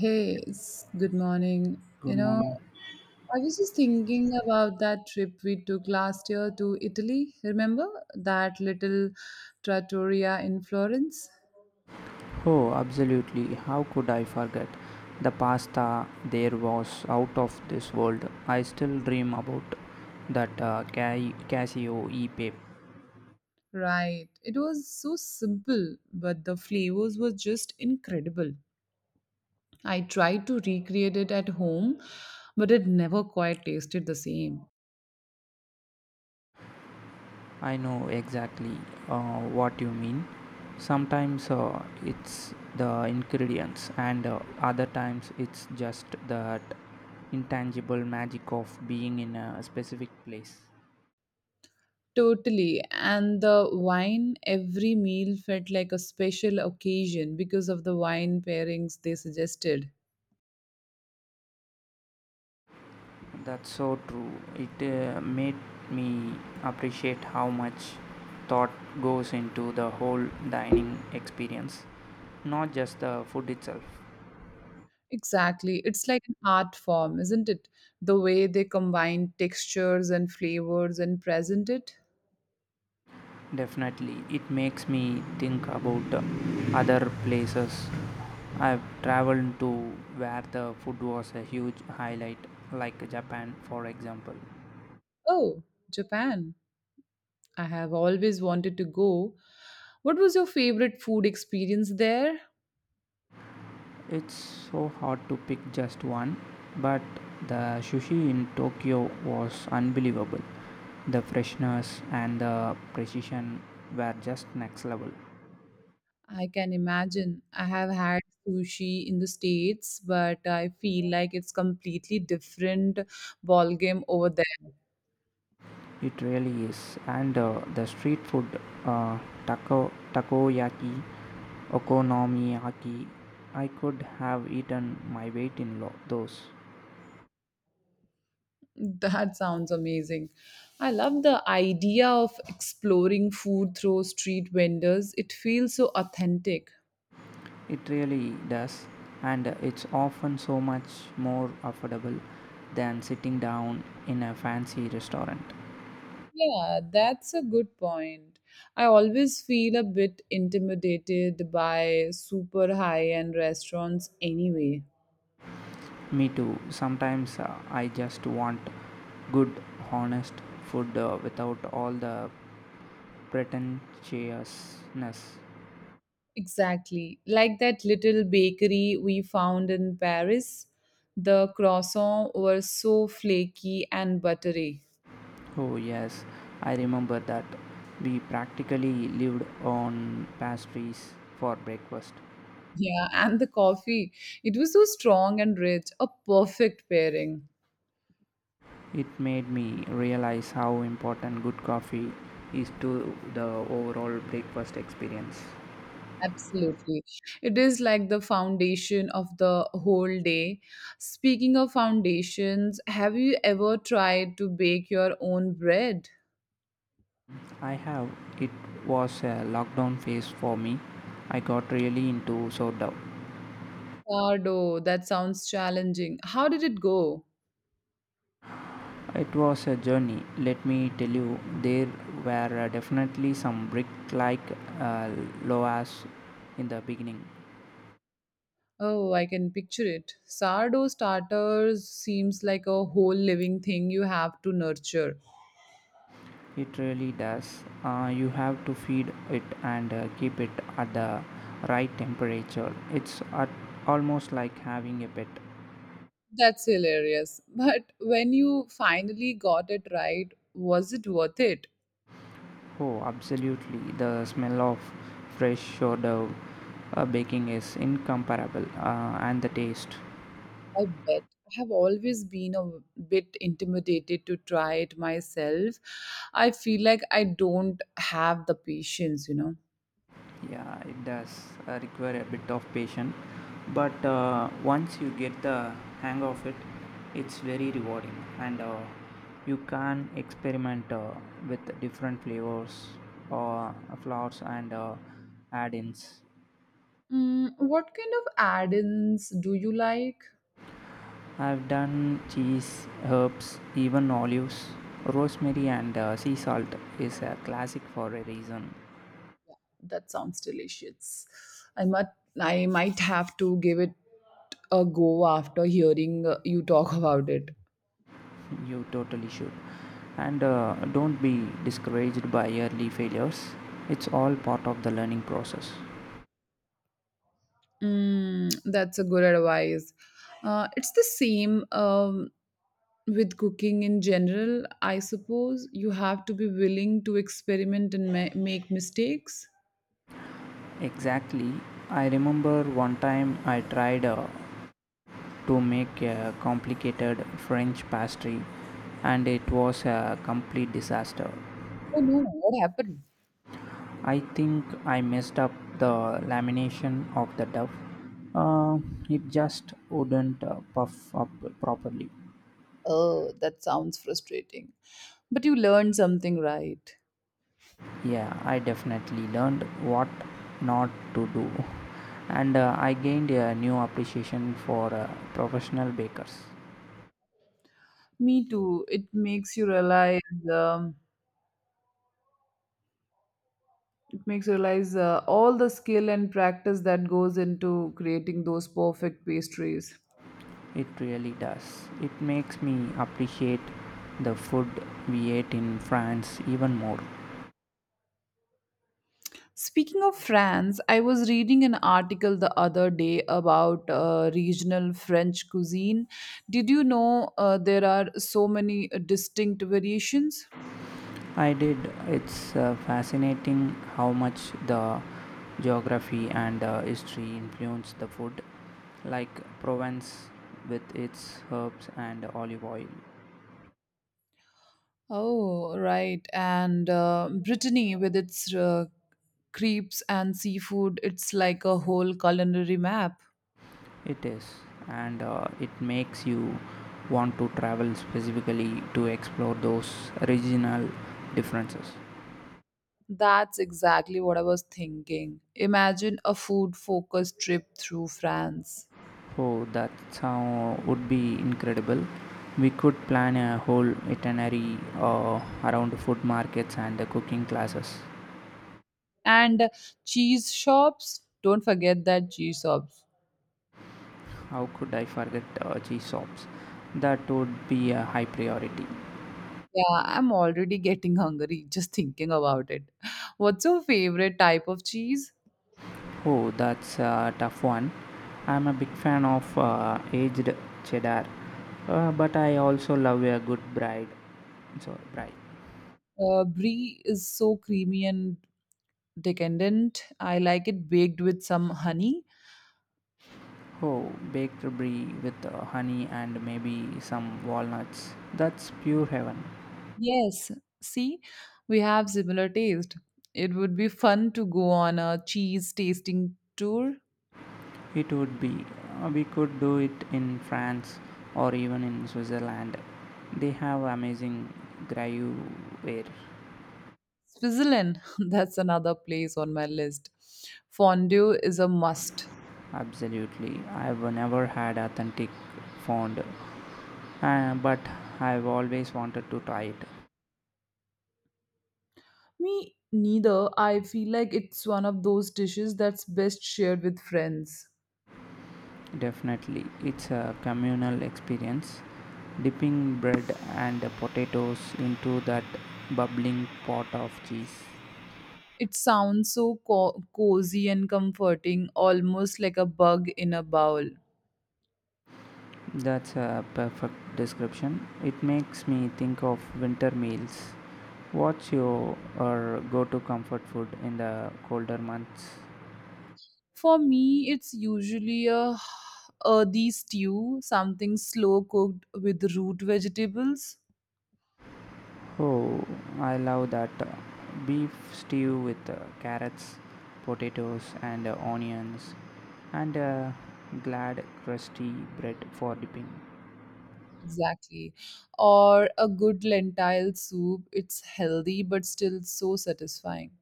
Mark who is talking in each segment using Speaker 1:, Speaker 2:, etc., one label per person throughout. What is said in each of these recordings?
Speaker 1: Hey, it's good morning. You
Speaker 2: Good
Speaker 1: know,
Speaker 2: morning.
Speaker 1: I was just thinking about that trip we took last year to Italy. Remember that little trattoria in Florence?
Speaker 2: Oh, absolutely. How could I forget? The pasta there was out of this world. I still dream about that Casio e-pape.
Speaker 1: Right. It was so simple, but the flavors were just incredible. I tried to recreate it at home, but it never quite tasted the same.
Speaker 2: I know exactly, what you mean. Sometimes, it's the ingredients, and, other times it's just that intangible magic of being in a specific place.
Speaker 1: Totally. And the wine, every meal felt like a special occasion because of the wine pairings they suggested.
Speaker 2: That's so true. It, made me appreciate how much thought goes into the whole dining experience, not just the food itself.
Speaker 1: Exactly. It's like an art form, isn't it? The way they combine textures and flavors and present it.
Speaker 2: Definitely, it makes me think about, other places I've traveled to where the food was a huge highlight, like Japan, for example.
Speaker 1: Oh, Japan. I have always wanted to go. What was your favorite food experience there?
Speaker 2: It's so hard to pick just one, but the sushi in Tokyo was unbelievable. The freshness and the precision were just next level.
Speaker 1: I can imagine. I have had sushi in the States, but I feel like it's completely different ballgame over there.
Speaker 2: It really is. And the street food, taco, takoyaki, okonomiyaki, I could have eaten my weight in those.
Speaker 1: That sounds amazing. I love the idea of exploring food through street vendors. It feels so authentic.
Speaker 2: It really does, and it's often so much more affordable than sitting down in a fancy restaurant.
Speaker 1: Yeah, that's a good point. I always feel a bit intimidated by super high end restaurants anyway.
Speaker 2: Me too. Sometimes, I just want good, honest food without all the pretentiousness.
Speaker 1: Exactly. Like that little bakery we found in Paris. The croissants were so flaky and buttery.
Speaker 2: Oh, yes, I remember that. We practically lived on pastries for breakfast.
Speaker 1: Yeah, and the coffee. It was so strong and rich, a perfect pairing.
Speaker 2: It made me realize how important good coffee is to the overall breakfast experience.
Speaker 1: Absolutely. It is like the foundation of the whole day. Speaking of foundations, have you ever tried to bake your own bread?
Speaker 2: I have, it was a lockdown phase for me. I got really into sourdough.
Speaker 1: Sardo, that sounds challenging. How did it go?
Speaker 2: It was a journey, let me tell you. There were definitely some brick like, uh, loas in the beginning.
Speaker 1: Oh, I can picture it. Sardo starters seems like a whole living thing you have to nurture.
Speaker 2: It really does. You have to feed it and, keep it at the right temperature. It's at almost like having a pet.
Speaker 1: That's hilarious. But when you finally got it right, was it worth it?
Speaker 2: Oh, absolutely. The smell of fresh sourdough baking is incomparable, and the taste.
Speaker 1: I bet. I have always been a bit intimidated to try it myself. I feel like I don't have the patience, you know.
Speaker 2: Yeah, it does, require a bit of patience, but, once you get the hang of it, it's very rewarding, and, you can experiment, with different flavors or flours, and, add-ins.
Speaker 1: Mm, what kind of add ins do you like?
Speaker 2: I've done cheese, herbs, even olives. Rosemary and, sea salt is a classic for a reason.
Speaker 1: That sounds delicious. I might I might have to give it a go after hearing you talk about it.
Speaker 2: You totally should. And, don't be discouraged by early failures. It's all part of the learning process.
Speaker 1: Mm, that's a good advice. It's the same with cooking in general, I suppose. You have to be willing to experiment and make mistakes.
Speaker 2: Exactly. I remember one time I tried, to make a complicated French pastry, and it was a complete disaster.
Speaker 1: Oh no, what happened?
Speaker 2: I think I messed up the lamination of the dough. Uh, it just wouldn't, puff up properly.
Speaker 1: Oh, that sounds frustrating. But you learned something, right?
Speaker 2: Yeah, I definitely learned what not to do, and, I gained a new appreciation for, professional bakers.
Speaker 1: Me too. It makes you realize. Um, It makes you realize all the skill and practice that goes into creating those perfect pastries.
Speaker 2: It really does. It makes me appreciate the food we ate in France even more.
Speaker 1: Speaking of France, I was reading an article the other day about regional French cuisine. Did you know there are so many distinct variations?
Speaker 2: I did. It's, fascinating how much the geography and, history influence the food, like Provence with its herbs and olive oil.
Speaker 1: Oh, right. And Brittany, with its crepes and seafood, it's like a whole culinary map.
Speaker 2: It is, and, it makes you want to travel specifically to explore those regional differences.
Speaker 1: That's exactly what I was thinking. Imagine a food focused trip through France.
Speaker 2: Oh, that sound would be incredible. We could plan a whole itinerary, around food markets and the cooking classes.
Speaker 1: And cheese shops. Don't forget that cheese shops.
Speaker 2: How could I forget, cheese shops? That would be a high priority.
Speaker 1: Yeah, I'm already getting hungry just thinking about it. What's your favorite type of cheese?
Speaker 2: Oh, that's a tough one. I'm a big fan of, aged cheddar, but I also love a good bride. Sorry, bride.
Speaker 1: Brie is so creamy and decadent. I like it baked with some honey.
Speaker 2: Oh, baked brie with, honey and maybe some walnuts. That's pure heaven.
Speaker 1: Yes, see, we have similar taste. It would be fun to go on a cheese tasting tour.
Speaker 2: It would be. We could do it in France or even in Switzerland. They have amazing gruyere.
Speaker 1: Switzerland, that's another place on my list. Fondue is a must.
Speaker 2: Absolutely. I've never had authentic fond, but I've always wanted to try it.
Speaker 1: Me neither. I feel like it's one of those dishes that's best shared with friends.
Speaker 2: Definitely, it's a communal experience. Dipping bread and potatoes into that bubbling pot of cheese.
Speaker 1: It sounds so cozy and comforting, almost like a bug in a bowl.
Speaker 2: That's a perfect description. It makes me think of winter meals. What's your or go to comfort food in the colder months?
Speaker 1: For me, it's usually a earthy stew, something slow cooked with root vegetables.
Speaker 2: Oh, I love that. Beef stew with, carrots, potatoes, and, onions, and, glad crusty bread for dipping.
Speaker 1: Exactly. Or a good lentil soup. It's healthy but still so satisfying.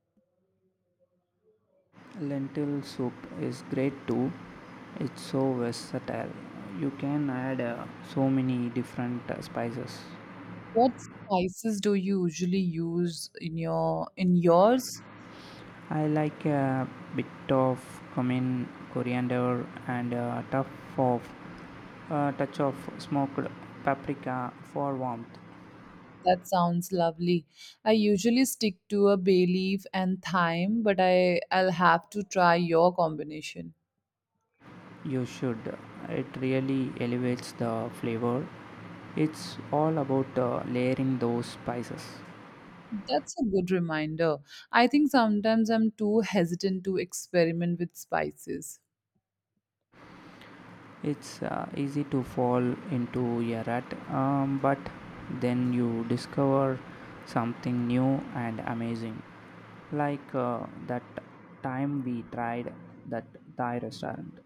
Speaker 2: Lentil soup is great too. It's so versatile. You can add, so many different, spices.
Speaker 1: What spices do you usually use in yours?
Speaker 2: I like a bit of cumin, coriander, and a tough of, a touch of smoked paprika for warmth.
Speaker 1: That sounds lovely. I usually stick to a bay leaf and thyme, but I'll have to try your combination.
Speaker 2: You should, it really elevates the flavor. It's all about, layering those spices.
Speaker 1: That's a good reminder. I think sometimes I'm too hesitant to experiment with spices.
Speaker 2: It's, easy to fall into a rut, but then you discover something new and amazing, like, that time we tried that thai restaurant.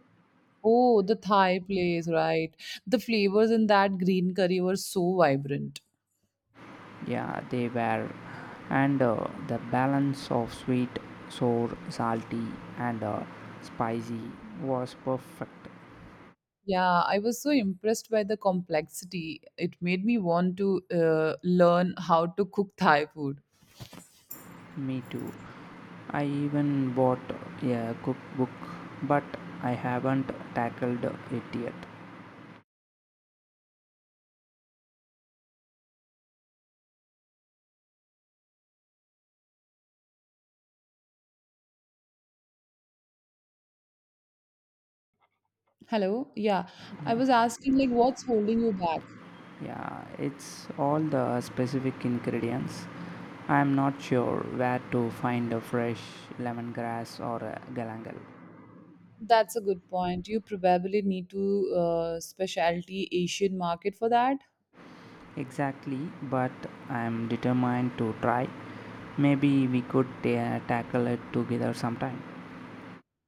Speaker 1: Oh, the Thai place, right? The flavors in that green curry were so vibrant.
Speaker 2: Yeah, they were. And, the balance of sweet, sour, salty, and, spicy was perfect.
Speaker 1: Yeah, I was so impressed by the complexity. It made me want to learn how to cook Thai food.
Speaker 2: Me too. I even bought a cookbook, but I haven't tackled it yet.
Speaker 1: Hello? Yeah,
Speaker 2: Yeah,
Speaker 1: I was asking, like, what's holding you back?
Speaker 2: yeah, it's all the specific ingredients. I'm not sure where to find a fresh lemongrass or a galangal.
Speaker 1: That's a good point. You probably need to specialty Asian market for that.
Speaker 2: Exactly, but I am determined to try. Maybe we could tackle it together sometime.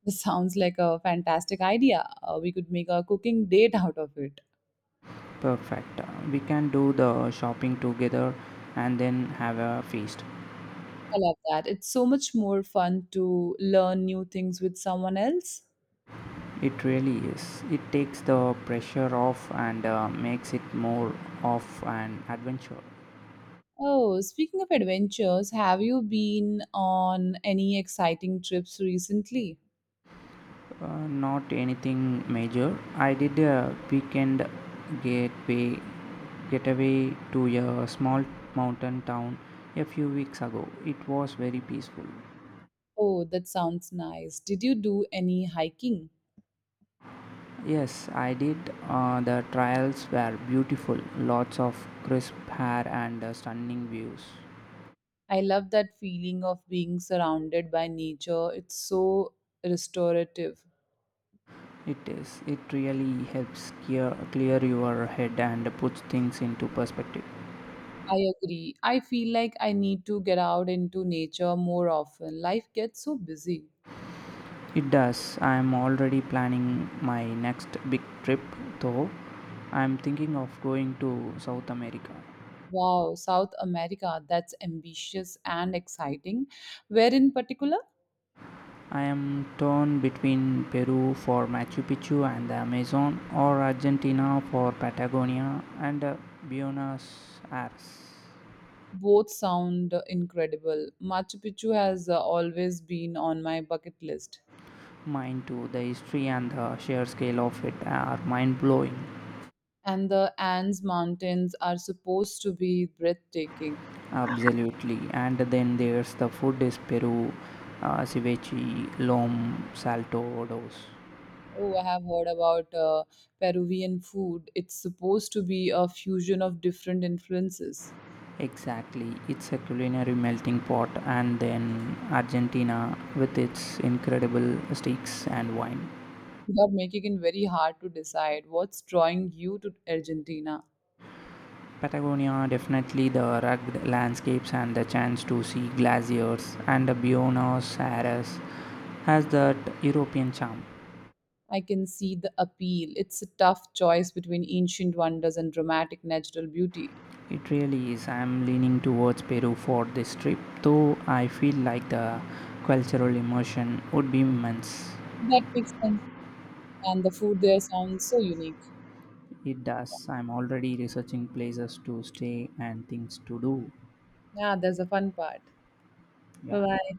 Speaker 1: This sounds like a fantastic idea. We could make a cooking date out of it.
Speaker 2: Perfect, we can do the shopping together and then have a feast.
Speaker 1: I love that. It's so much more fun to learn new things with someone else.
Speaker 2: It really is, it takes the pressure off, and, makes it more of an adventure.
Speaker 1: Oh, speaking of adventures, have you been on any exciting trips recently?
Speaker 2: Not anything major. I did a weekend gateway getaway to a small mountain town a few weeks ago. It was very peaceful.
Speaker 1: Oh, that sounds nice. Did you do any hiking?
Speaker 2: Yes, I did. The trails were beautiful. Lots of crisp air and, stunning views.
Speaker 1: I love that feeling of being surrounded by nature. It's so restorative.
Speaker 2: It is. It really helps clear your head and puts things into perspective.
Speaker 1: I agree. I feel like I need to get out into nature more often. Life gets so busy.
Speaker 2: It does. I'm already planning my next big trip though. I'm thinking of going to South America.
Speaker 1: Wow, South America, that's ambitious and exciting. Where in particular?
Speaker 2: I am torn between Peru for Machu Picchu and the Amazon, or Argentina for Patagonia and, Buenos Aires.
Speaker 1: Both sound incredible. Machu Picchu has always been on my bucket list.
Speaker 2: Mine too, the history and the sheer scale of it are mind blowing.
Speaker 1: And the Andes Mountains are supposed to be breathtaking.
Speaker 2: Absolutely. And then there's the food is Peru, ceviche, lom, salto, dos.
Speaker 1: Oh, I have heard about Peruvian food. It's supposed to be a fusion of different influences.
Speaker 2: Exactly, it's a culinary melting pot, and then Argentina with its incredible steaks and wine.
Speaker 1: You are making it very hard to decide what's drawing you to Argentina.
Speaker 2: Patagonia, definitely the rugged landscapes and the chance to see glaciers, and Buenos Aires has that European charm.
Speaker 1: I can see the appeal. It's a tough choice between ancient wonders and dramatic natural beauty.
Speaker 2: It really is. I'm leaning towards Peru for this trip, though I feel like the cultural immersion would be immense.
Speaker 1: That makes sense. And the food there sounds so unique.
Speaker 2: It does. I'm already researching places to stay and things to do.
Speaker 1: Yeah, there's a fun part.
Speaker 2: Yeah.
Speaker 1: Bye bye.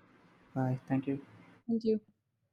Speaker 2: Bye. Thank you.
Speaker 1: Thank you.